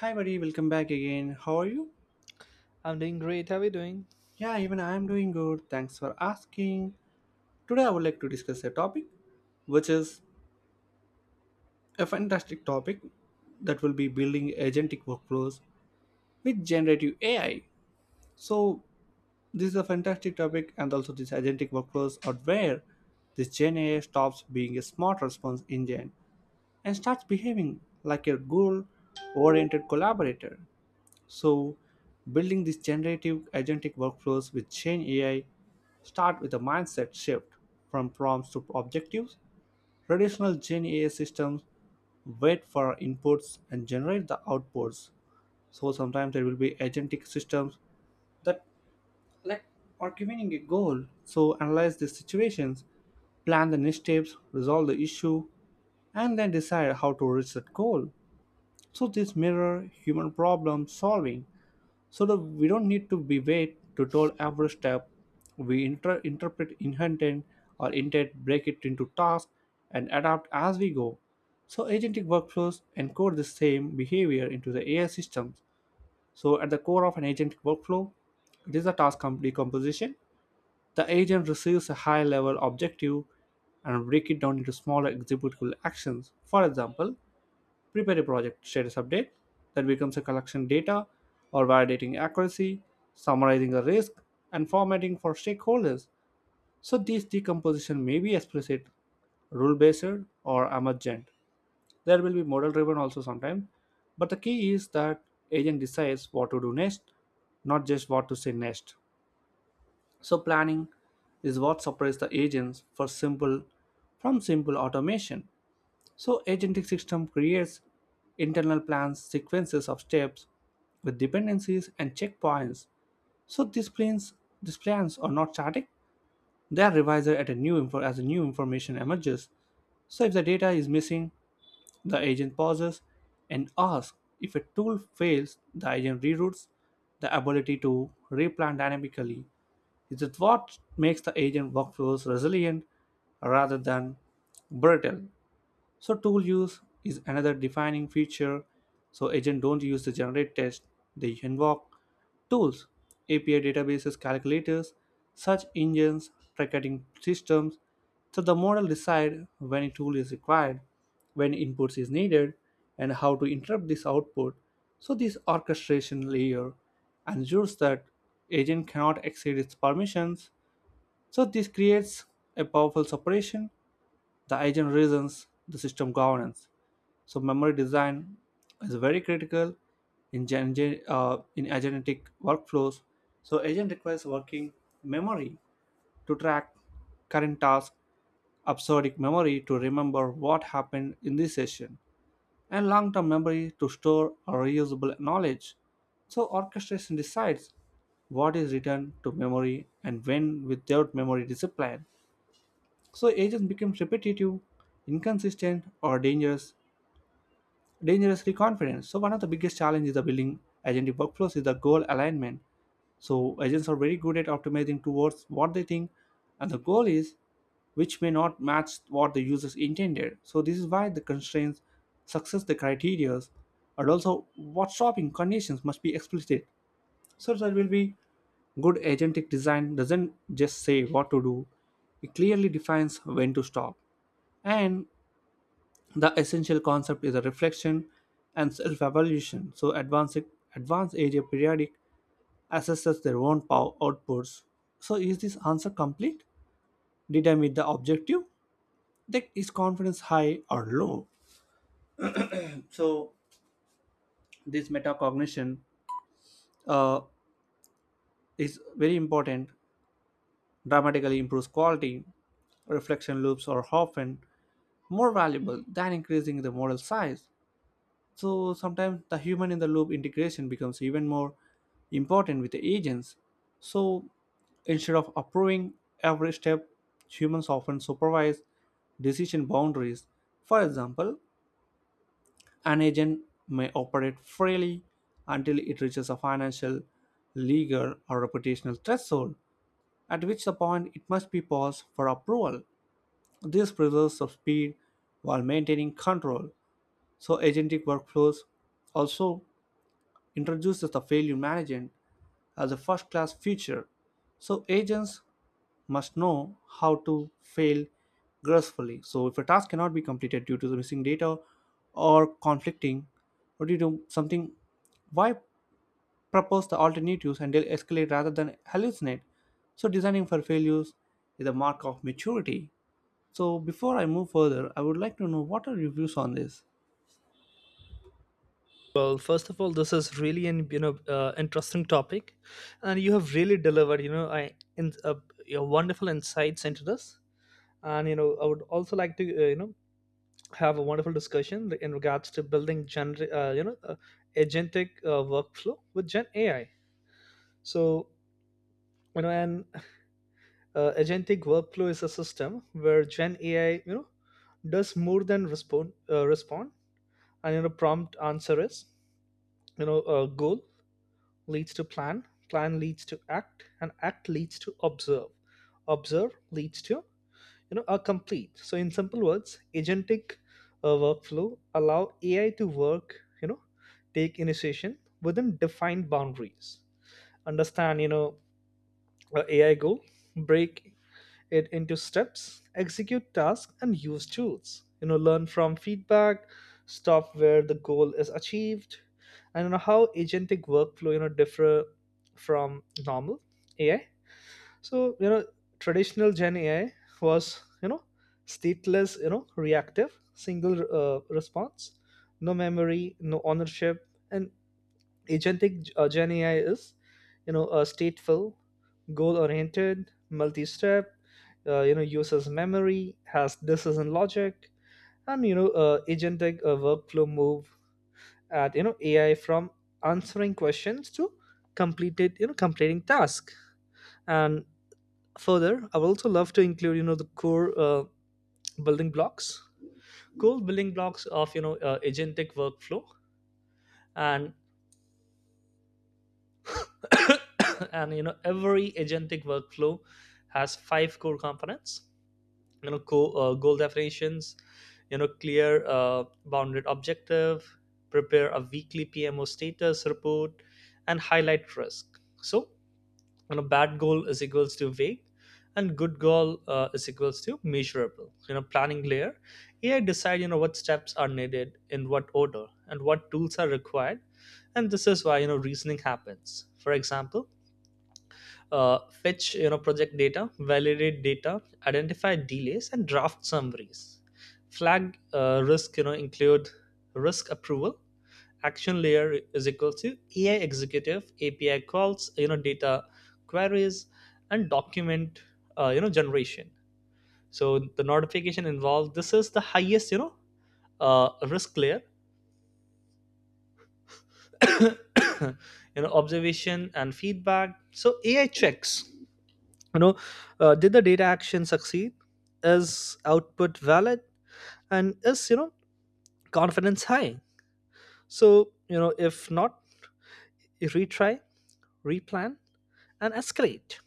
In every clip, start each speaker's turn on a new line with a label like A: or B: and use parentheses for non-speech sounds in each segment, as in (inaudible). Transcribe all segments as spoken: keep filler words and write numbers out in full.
A: Hi, buddy, welcome back again. How are you?
B: I'm doing great. How are you doing?
A: Yeah, even I am doing good. Thanks for asking. Today, I would like to discuss a topic which is a fantastic topic that will be building agentic workflows with generative A I. So, this is a fantastic topic, and also these agentic workflows are where this Gen A I stops being a smart response engine and starts behaving like a goal oriented collaborator. So, building these generative agentic workflows with Gen A I start with a mindset shift from prompts to objectives. Traditional Gen A I systems wait for inputs and generate the outputs. So sometimes there will be agentic systems that like are giving a goal. So analyze the situations, plan the next steps, resolve the issue, and then decide how to reach that goal. So this mirror human problem solving so that we don't need to be wait to told every step. We inter- interpret inherent or intent, break it into tasks and adapt as we go. So agentic workflows encode the same behavior into the AI systems. So at the core of an agentic workflow, it is a task com- decomposition The agent receives a high level objective and break it down into smaller executable actions. For example, prepare a project status update. That becomes a collection data or validating accuracy, summarizing a risk, and formatting for stakeholders. So this decomposition may be explicit, rule-based, or emergent. There will be model-driven also sometimes, but the key is that agent decides what to do next, not just what to say next. So planning is what separates the agents for simple from simple automation. So agentic system creates internal plans, sequences of steps with dependencies and checkpoints. So these plans, these plans are not static; they are revised at a new info, as a new information emerges. So if the data is missing, the agent pauses and asks. If a tool fails, the agent reroutes the ability to replan dynamically. This is what makes the agent workflows resilient rather than brittle. So tool use is another defining feature. So agent don't use the generate test, they invoke tools, A P I databases, calculators, search engines, tracking systems. So the model decide when a tool is required, when inputs is needed, and how to interrupt this output. So this orchestration layer ensures that agent cannot exceed its permissions. So this creates a powerful separation: the agent reasons, the system governance. So memory design is very critical in gen- gen- uh, in agentic workflows. So agent requires working memory to track current task, episodic memory to remember what happened in this session, and long-term memory to store reusable knowledge. So orchestration decides what is written to memory and when without memory discipline. So agents become repetitive, inconsistent, or dangerous, dangerously confident. So one of the biggest challenges is the building agentic workflows is the goal alignment. So agents are very good at optimizing towards what they think, and the goal is which may not match what the users intended. So this is why the constraints, success the criteria, and also what shopping conditions must be explicit. So there will be good agentic design doesn't just say what to do, it clearly defines when to stop. And the essential concept is a reflection and self-evaluation. So advanced advanced area periodic assesses their own power outputs. So is this answer complete? Did I meet the objective? That is confidence high or low? So this metacognition uh, is very important. Dramatically improves quality. Reflection loops are often more valuable than increasing the model size. So sometimes the human in the loop integration becomes even more important with the agents. So instead of approving every step, humans often supervise decision boundaries. For example, an agent may operate freely until it reaches a financial, legal, or reputational threshold, at which the point it must be paused for approval. This preserves the speed while maintaining control. So agentic workflows also introduces the failure management as a first class feature. So agents must know how to fail gracefully. So if a task cannot be completed due to the missing data or conflicting or due to something, why propose the alternatives and they'll escalate rather than hallucinate? So designing for failures is a mark of maturity. So before I move further, I would like to know what are your views on this?
B: Well, first of all, this is really an you know uh, interesting topic, and you have really delivered. You know, I in uh, your wonderful insights into this, and you know, I would also like to uh, you know have a wonderful discussion in regards to building gener- uh, you know uh, agentic uh, workflow with Gen A I. So, you know, an uh, agentic workflow is a system where Gen A I you know does more than respond uh, respond, and you know prompt answer is you know a goal leads to plan, plan leads to act, and act leads to observe. Observe leads to you know a complete. So in simple words, agentic uh, workflow allow A I to work, you know, take initiation within defined boundaries. Understand, you know, a AI goal, break it into steps, execute tasks, and use tools. You know, learn from feedback, stop where the goal is achieved, and you know how agentic workflow you know differ from normal A I. So, you know, traditional Gen A I was you know stateless, you know, reactive, single uh, response, no memory, no ownership, and agentic uh, Gen A I is you know uh, stateful, goal oriented, multi-step, uh, you know uses memory, has decision logic, and you know uh, agentic uh, workflow move at you know A I from answering questions to completed you know completing task. And further i would also love to include you know the core uh, building blocks core building blocks of you know uh, agentic workflow. And (coughs) And you know every agentic workflow has five core components: you know co- uh, goal definitions, you know clear uh, bounded objective, prepare a weekly P M O status report and highlight risk. So, you know bad goal is equals to vague, and good goal uh, is equals to measurable. You know planning layer, A I decide you know what steps are needed, in what order, and what tools are required. And this is why you know reasoning happens. For example, uh, fetch you know project data, validate data, identify delays, and draft summaries, flag uh, risk, you know include risk approval. Action layer is equal to A I executive A P I calls, you know data queries, and document uh, you know generation. So the notification involved, this is the highest you know uh, risk layer. (coughs) you know observation and feedback, so A I checks, you know uh, did the data action succeed, is output valid, and is you know confidence high? So, you know if not, retry, replan, and escalate.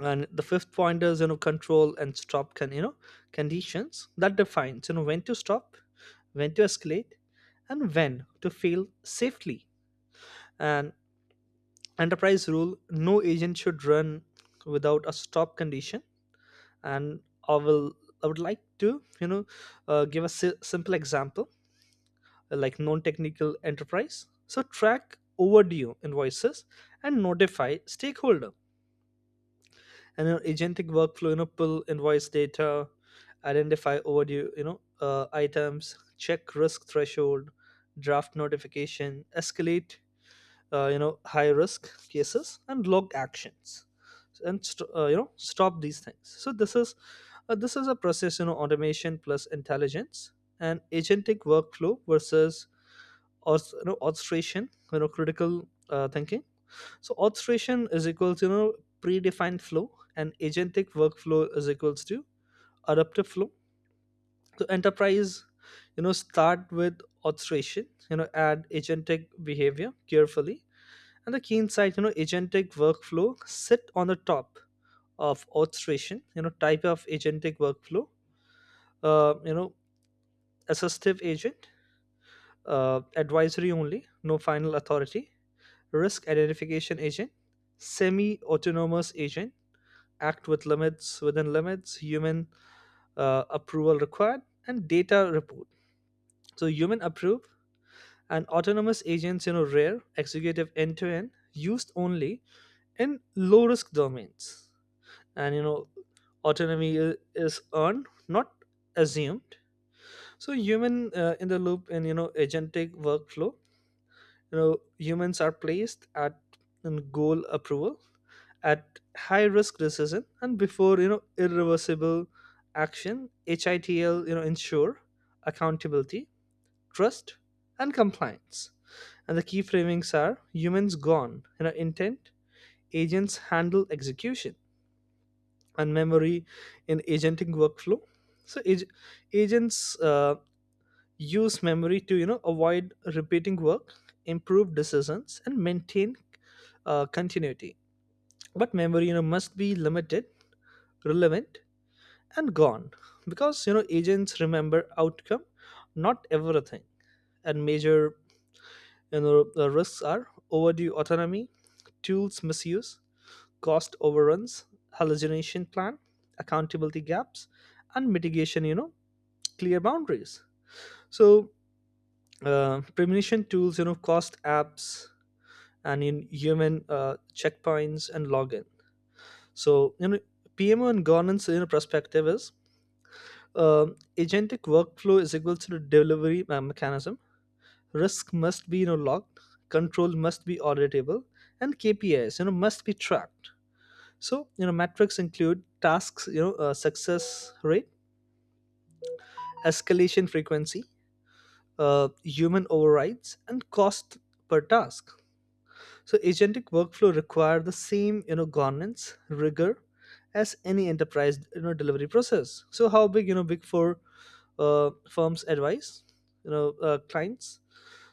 B: And the fifth point is you know control and stop can, you know conditions that defines you know when to stop, when to escalate, and when to fail safely. And enterprise rule: no agent should run without a stop condition. And i will i would like to you know uh, give a si- simple example, uh, like non-technical enterprise. So track overdue invoices and notify stakeholder. And an agentic workflow you know pull invoice data, identify overdue you know uh, items, check risk threshold, draft notification, escalate uh, you know high risk cases, and log actions, and st- uh, you know stop these things. So this is uh, this is a process, you know automation plus intelligence. And agentic workflow versus auth- you know, orchestration, you know critical uh, thinking. So orchestration is equals you know predefined flow, and agentic workflow is equals to adaptive flow. So enterprise you know start with orchestration, you know add agentic behavior carefully. And the key insight: you know agentic workflow sit on the top of orchestration. You know type of agentic workflow: uh, you know assistive agent, uh, advisory only, no final authority, risk identification agent. Semi autonomous agent, act with limits, within limits, human uh, approval required, and data report. So human approve, and autonomous agents you know rare executive end to end, used only in low risk domains. And you know autonomy i- is earned, not assumed. So human uh, in the loop in you know agentic workflow, you know humans are placed at, in goal approval, at high risk decision, and before you know irreversible action. H I T L you know ensure accountability, trust, and compliance. And the key framings are humans gone you know intent, agents handle execution, and memory in agentic workflow. So ag- agents uh, use memory to you know avoid repeating work, improve decisions, and maintain uh, continuity, but memory you know must be limited, relevant, and gone, because you know agents remember outcome, not everything. And major, you know the risks are overdue autonomy, tools misuse, cost overruns, hallucination plan, accountability gaps, and mitigation, you know, clear boundaries. So, uh, premonition tools, you know, cost apps, and in human uh, checkpoints and login. So, you know, P M O and governance, you know, perspective is um, agentic workflow is equal to the delivery uh, mechanism. Risk must be, you know, logged, control must be auditable, and K P Is, you know, must be tracked. So, you know, metrics include tasks, you know, uh, success rate, escalation frequency, uh, human overrides, and cost per task. So, agentic workflow require the same, you know, governance rigor as any enterprise, you know, delivery process. So, how big, you know, big four uh, firms advise, you know, uh, clients.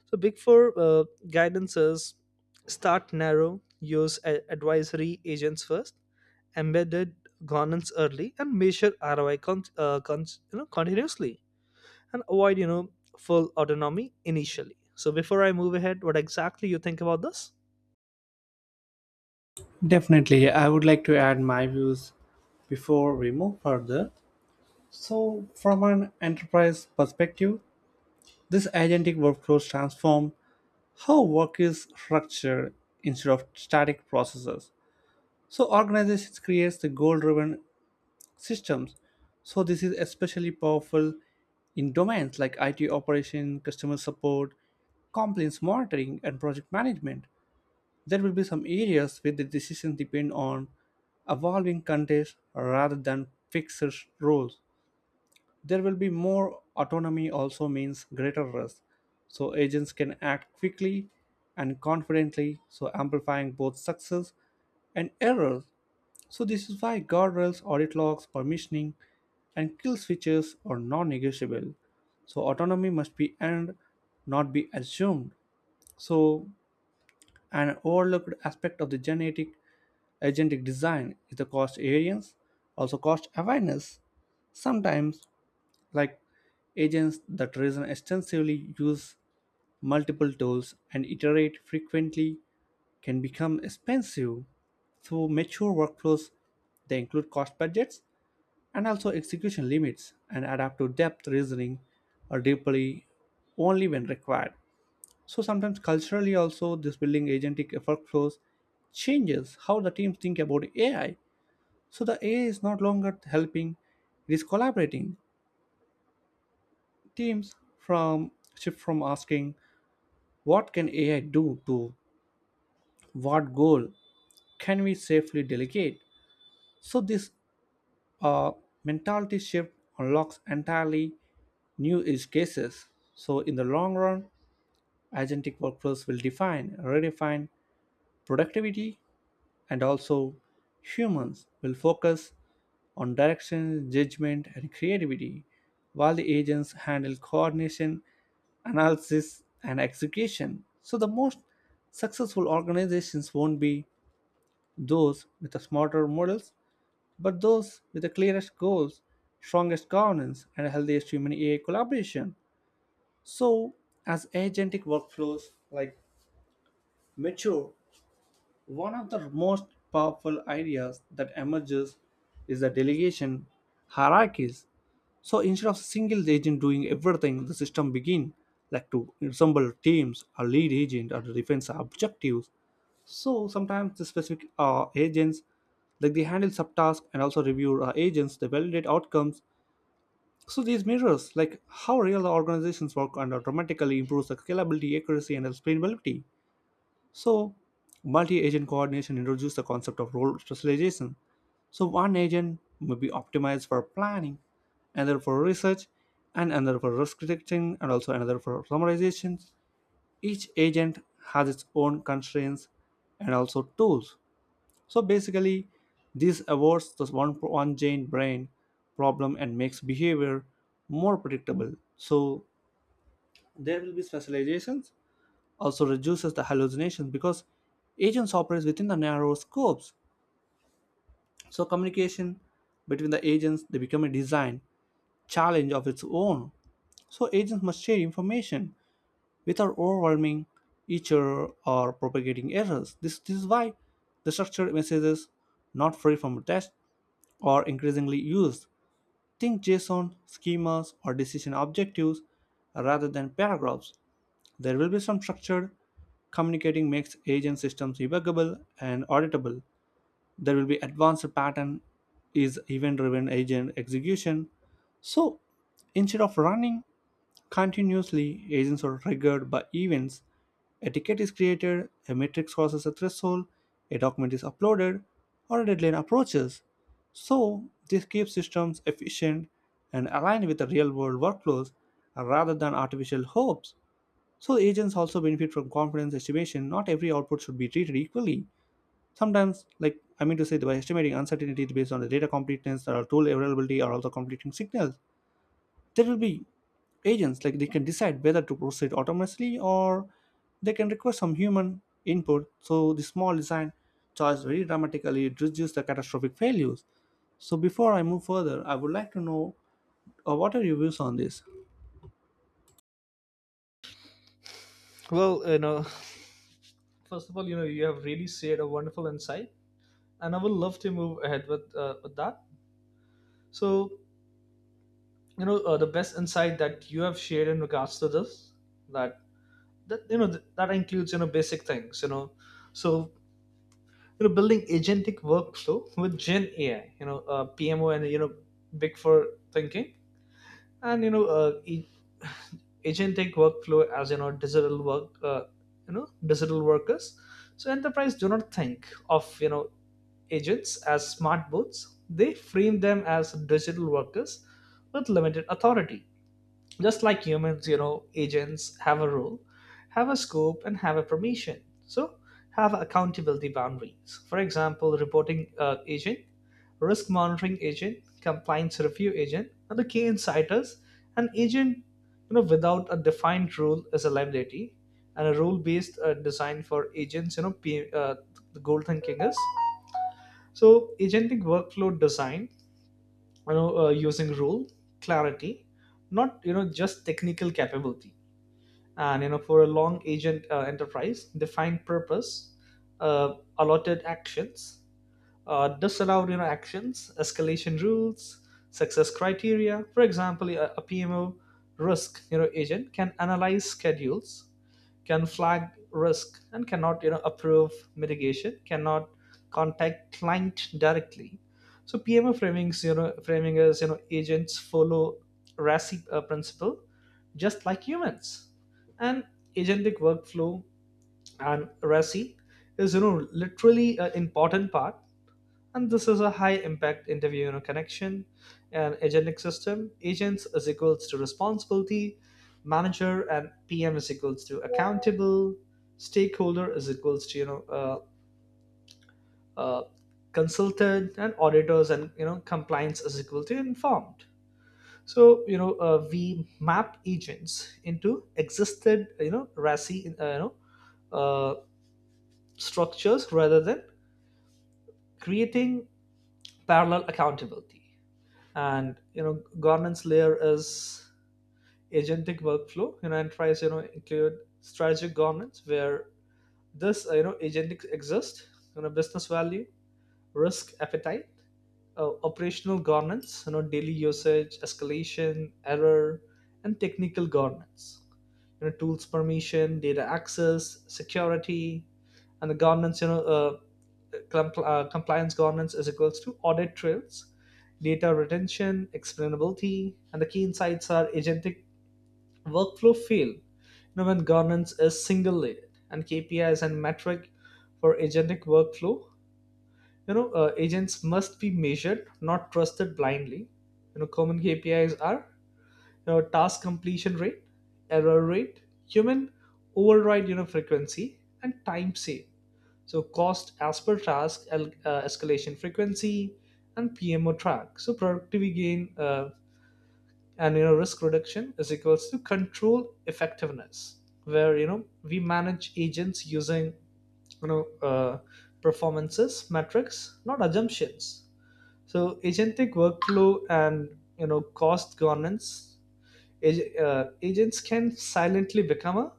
B: So, big four uh, guidance is: start narrow, use a- advisory agents first, embedded governance early, and measure R O I con- uh, con- you know, continuously, and avoid you know full autonomy initially. So before I move ahead, what exactly you think about this?
A: Definitely, I would like to add my views before we move further. So, from an enterprise perspective, this agentic workflows transform how work is structured instead of static processes. So, organizations create the goal-driven systems. So, this is especially powerful in domains like I T operation, customer support, compliance monitoring, and project management. There will be some areas where the decisions depend on evolving context rather than fixed roles. There will be more autonomy also means greater risk. So agents can act quickly and confidently, so amplifying both success and errors. So this is why guardrails, audit logs, permissioning, and kill switches are non-negotiable. So autonomy must be earned, not be assumed. So an overlooked aspect of the genetic agentic design is the cost variance, also cost awareness. Sometimes, like agents that reason extensively use multiple tools and iterate frequently can become expensive through mature workflows. They include cost budgets and also execution limits and adapt to depth reasoning or deeply only when required. So sometimes culturally also this building agentic workflows changes how the teams think about AI. So the AI is not longer helping, it is collaborating. Teams from shift from asking what can A I do to what goal can we safely delegate. So this uh, mentality shift unlocks entirely new use cases. So in the long run, agentic workflows will define, redefine productivity, and also humans will focus on direction, judgment, and creativity, while the agents handle coordination, analysis, and execution. So, the most successful organizations won't be those with the smarter models, but those with the clearest goals, strongest governance, and healthiest human A I collaboration. So, as agentic workflows like mature, one of the most powerful ideas that emerges is the delegation hierarchies. So instead of a single agent doing everything, the system begin like to assemble teams or lead agent or defense objectives. So sometimes the specific uh, agents, like they handle subtasks and also review uh, agents, they validate outcomes. So these mirrors, like how real organizations work, and automatically improves the scalability, accuracy, and explainability. So, multi agent coordination introduced the concept of role specialization. So, one agent may be optimized for planning, another for research, and another for risk detection, and also another for summarization. Each agent has its own constraints and also tools. So, basically, this avoids this one one giant brain problem and makes behavior more predictable. So, there will be specializations also reduces the hallucination because agents operate within the narrow scopes. So communication between the agents they become a design challenge of its own. So agents must share information without overwhelming each other or propagating errors. This, this is why the structured messages not free from test are increasingly used. Think jason schemas or decision objectives rather than paragraphs. There will be some structure communicating makes agent systems debuggable and auditable. There will be advanced pattern is event-driven agent execution. So instead of running continuously, agents are triggered by events. A ticket is created, a matrix crosses a threshold, a document is uploaded, or a deadline approaches. So this keeps systems efficient and aligned with the real-world workflows rather than artificial hopes. So the agents also benefit from confidence estimation. Not every output should be treated equally. Sometimes, like I mean to say, by estimating uncertainty based on the data completeness or tool availability or also conflicting signals, there will be agents like they can decide whether to proceed autonomously or they can request some human input. So the small design choice very dramatically reduces the catastrophic failures. So before I move further, I would like to know uh, what are your views on this?
B: Well, you know, (laughs) first of all, you know, you have really shared a wonderful insight, and I would love to move ahead with uh, with that. So, you know, uh, the best insight that you have shared in regards to this, that that you know th- that includes you know basic things, you know, So you know building agentic workflow with Gen A I, you know uh, PMO, and you know big four thinking, and you know uh, e- (sighs) (laughs) agentic workflow as you know digital work uh, you know digital workers. So enterprise do not think of you know agents as smart bots. They frame them as digital workers with limited authority, just like humans. You know, agents have a role, have a scope, and have a permission. So, have accountability boundaries. For example, reporting uh, agent, risk monitoring agent, compliance review agent, are the key insiders. An agent, you know, without a defined rule is a liability, and a rule-based uh, design for agents, you know, P, uh, the goal thinking is. So, agentic workflow design you know uh, using rule clarity, not you know just technical capability. And you know for a long agent, uh, enterprise defined purpose, uh, allotted actions, uh, disallowed you know actions, escalation rules, success criteria. For example, a, a P M O risk you know agent can analyze schedules, can flag risk, and cannot you know approve mitigation, cannot contact client directly. So PMA framings, you know framing is you know agents follow RACI uh, principle just like humans. And agentic workflow and RACI is you know literally an important part, and this is a high impact interview, you know, connection and agentic system. Agents is equals to responsibility, manager and P M is equals to accountable, stakeholder is equals to you know uh, uh, consultant, and auditors and you know compliance is equal to informed. So you know uh, we map agents into existed you know RASI uh, you know uh, structures rather than creating parallel accountability. And you know governance layer is agentic workflow, you know and tries you know include strategic governance where this uh, you know agentic exists, you know business value, risk appetite, uh, operational governance, you know daily usage, escalation error, and technical governance, you know tools permission, data access, security, and the governance you know uh, Compl- uh, compliance governance is equals to audit trails, data retention, explainability, and the key insights are agentic workflow fail. You know, when governance is single layered, and K P Is and metric for agentic workflow, you know, uh, agents must be measured, not trusted blindly. You know, common K P Is are, you know, task completion rate, error rate, human override, you know, frequency, and time saved. So cost as per task, el- uh, escalation frequency, and P M O track, so productivity gain, uh, and you know risk reduction is equals to control effectiveness, where you know we manage agents using you know uh, performances metrics, not assumptions. So agentic workflow and you know cost governance, ag- uh, agents can silently become a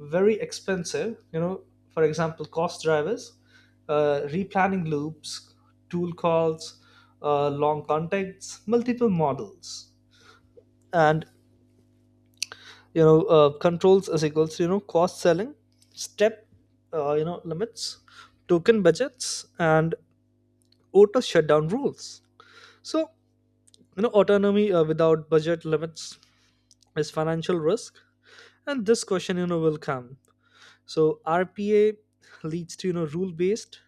B: very expensive, you know for example, cost drivers: uh, replanning loops, tool calls, uh, long contexts, multiple models, and you know uh, controls is equals to you know cost selling, step uh, you know limits, token budgets, and auto shutdown rules. So you know autonomy uh, without budget limits is financial risk, and this question you know will come. So RPA leads to you know rule based,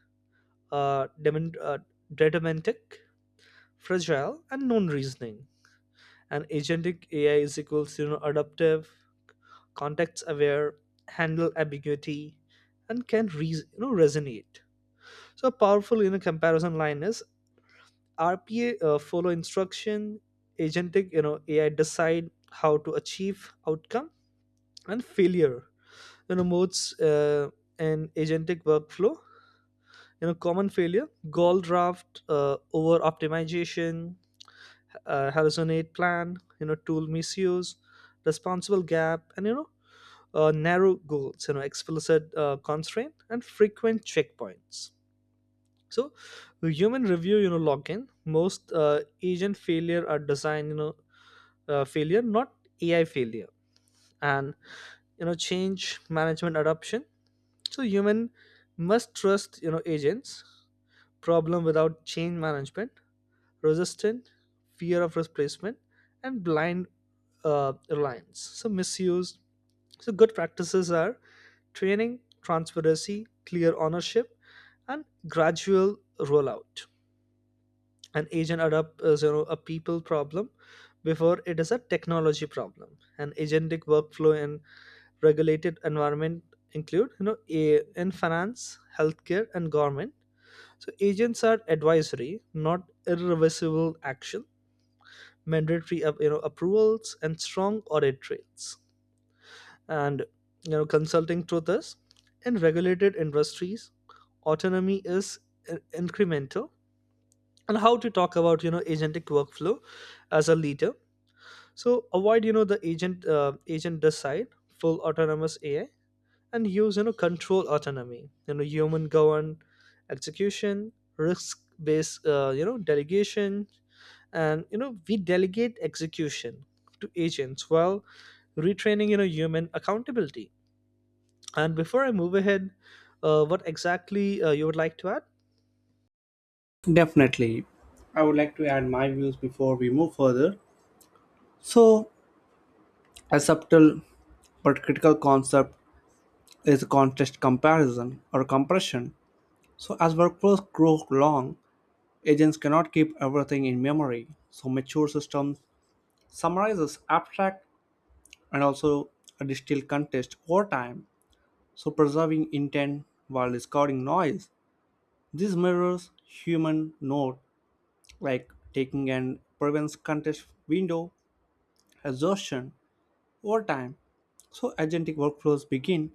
B: uh, dement- uh, deterministic, fragile, and non reasoning. And agentic A I is equals to you know, adaptive, context aware, handle ambiguity, and can re- you know resonate. So a powerful, you know comparison line is: R P A uh, follow instruction, agentic you know A I decide how to achieve outcome and failure. You know modes uh, and agentic workflow. You know common failure, goal draft, uh, over optimization, uh, Horizon eight plan, you know, tool misuse, responsible gap, and you know, uh, narrow goals, you know, explicit uh, constraint, and frequent checkpoints. So, the human review, you know, login, most uh, agent failure are design, you know, uh, failure, not A I failure, and you know, change management adoption. So, human must trust, you know, agents, problem without change management, resistant, fear of replacement, and blind uh, reliance, so misuse. So good practices are training, transparency, clear ownership, and gradual rollout. An agent adopt is, you know, a people problem before it is a technology problem. An agentic workflow in regulated environment include you know a, in finance, healthcare, and government. So agents are advisory, not irreversible action, mandatory uh, you know approvals, and strong audit trails. And you know, consulting truth is: in regulated industries, autonomy is in- incremental. And how to talk about you know agentic workflow as a leader. So avoid you know the agent uh, agent decide full autonomous A I, and use you know control autonomy. You know human governed execution, risk based, uh, you know delegation, and you know we delegate execution to agents while retraining you know human accountability. And before I move ahead, uh, what exactly uh, you would like to add?
A: Definitely. I would like to add my views before we move further. So, a subtle but critical concept is context comparison or compression. So, as workflows grow long, agents cannot keep everything in memory. So, mature systems summarizes abstract and also a distilled context over time. So, preserving intent while discarding noise. This mirrors human note, like taking and prevents context window exhaustion over time. So agentic workflows begin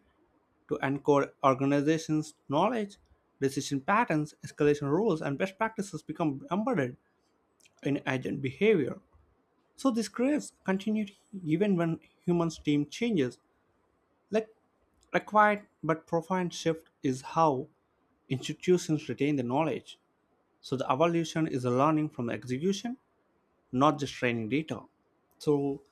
A: to encode organizations' knowledge, decision patterns, escalation rules, and best practices become embedded in agent behavior. So this creates continuity even when humans' team changes. Like a quiet but profound shift is how institutions retain the knowledge. So the evolution is a learning from the execution, not just training data. So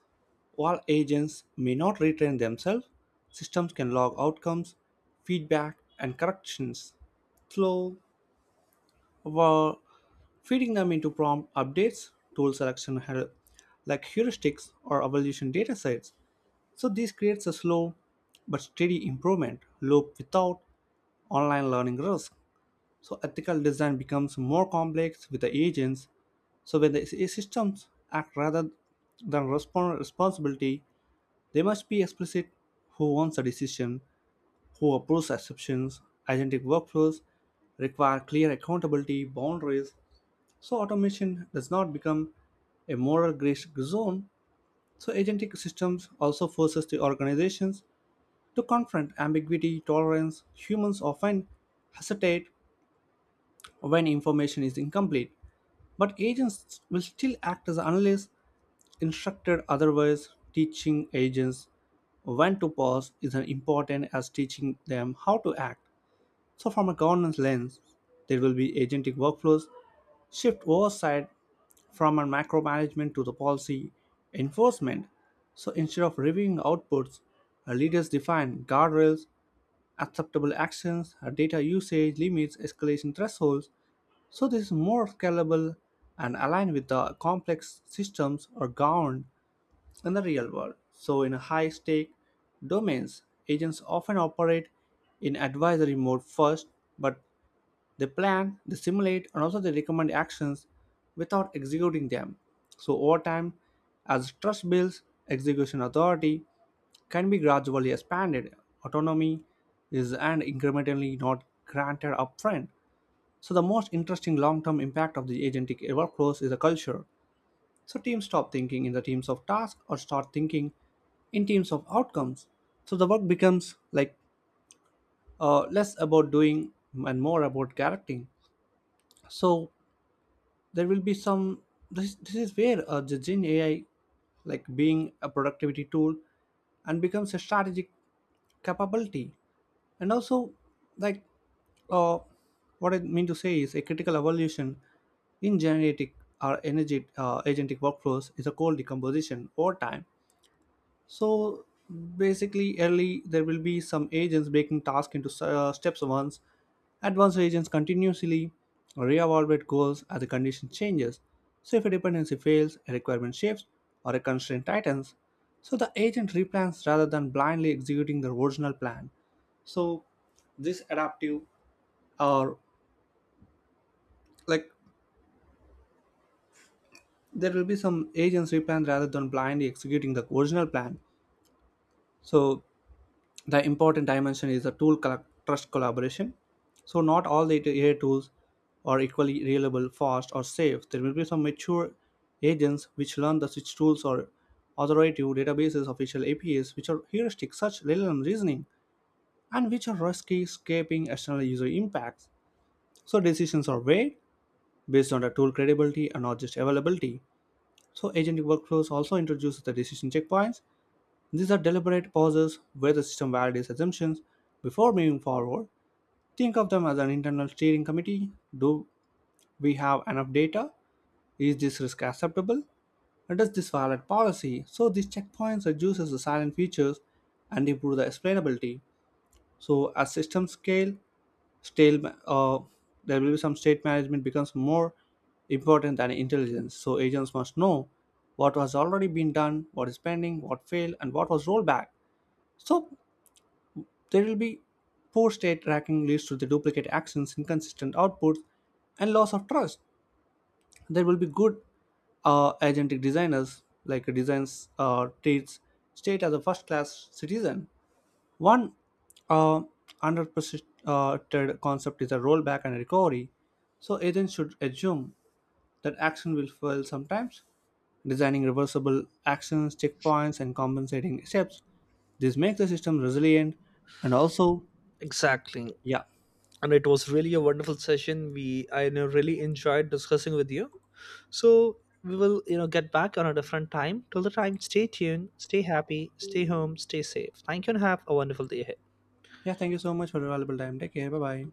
A: while agents may not retrain themselves, systems can log outcomes, feedback, and corrections flow while feeding them into prompt updates, tool selection heur- like heuristics or evaluation data sets. So this creates a slow but steady improvement loop without online learning risk. So ethical design becomes more complex with the agents. So when the systems act rather than respond responsibility, they must be explicit who owns the decision, who approves exceptions, agentic workflows require clear accountability boundaries. So automation does not become a moral gray zone. So agentic systems also forces the organizations to confront ambiguity, tolerance. Humans often hesitate when information is incomplete, but agents will still act as analysts instructed otherwise. Teaching agents when to pause is as important as teaching them how to act. So, from a governance lens, there will be agentic workflows, shift oversight from a macro management to the policy enforcement. So, instead of reviewing outputs, our leaders define guardrails, acceptable actions, our data usage limits, escalation thresholds. So, this is more scalable and aligned with the complex systems are governed in the real world. So, in high stake domains, agents often operate in advisory mode first, but they plan, they simulate, and also they recommend actions without executing them. So, over time, as trust builds, execution authority can be gradually expanded. Autonomy is and incrementally not granted upfront. So, the most interesting long term impact of the agentic workflows is a culture. So, teams stop thinking in the teams of tasks or start thinking in teams of outcomes. So, the work becomes like uh, less about doing and more about characting. So, there will be some this, this is where uh, the gen ai like being a productivity tool and becomes a strategic capability and also like uh, what I mean to say is a critical evolution in genetic or energy uh, agentic workflows is a cold decomposition over time so basically, early there will be some agents breaking tasks into uh, steps once. Advanced agents continuously reevaluate goals as the condition changes. So if a dependency fails, a requirement shifts, or a constraint tightens, so the agent replans rather than blindly executing the original plan. So this adaptive or like there will be some agents replan rather than blindly executing the original plan. So the important dimension is the tool colla- trust collaboration. So not all the A I tools are equally reliable, fast, or safe. There will be some mature agents which learn the switch tools or authoritative databases, official A P Is, which are heuristic, such L L M reasoning, and which are risky, escaping external user impacts. So decisions are weighed based on the tool credibility and not just availability. So agentic workflows also introduces the decision checkpoints, these are deliberate pauses where the system validates assumptions before moving forward. Think of them as an internal steering committee. Do we have enough data? Is this risk acceptable? And does this violate policy? So these checkpoints reduces the silent features and improve the explainability. So as systems scale, stale, ma- uh, there will be some state management becomes more important than intelligence. So agents must know what has already been done, what is pending, what failed, and what was rolled back. So there will be poor state tracking leads to the duplicate actions, inconsistent outputs, and loss of trust. There will be good uh, agentic designers like designs uh, treats state as a first-class citizen. One uh, underrepresented concept is a rollback and recovery. So agents should assume that action will fail sometimes, designing reversible actions, checkpoints, and compensating steps. This makes the system resilient and also,
B: Exactly.
A: yeah.
B: And it was really a wonderful session. We I you know, really enjoyed discussing with you. So we will you know get back on a different time. Till the time, stay tuned, stay happy, stay home, stay safe. Thank you, and have a wonderful day ahead.
A: Yeah, thank you so much for your valuable time. Take care. Bye bye.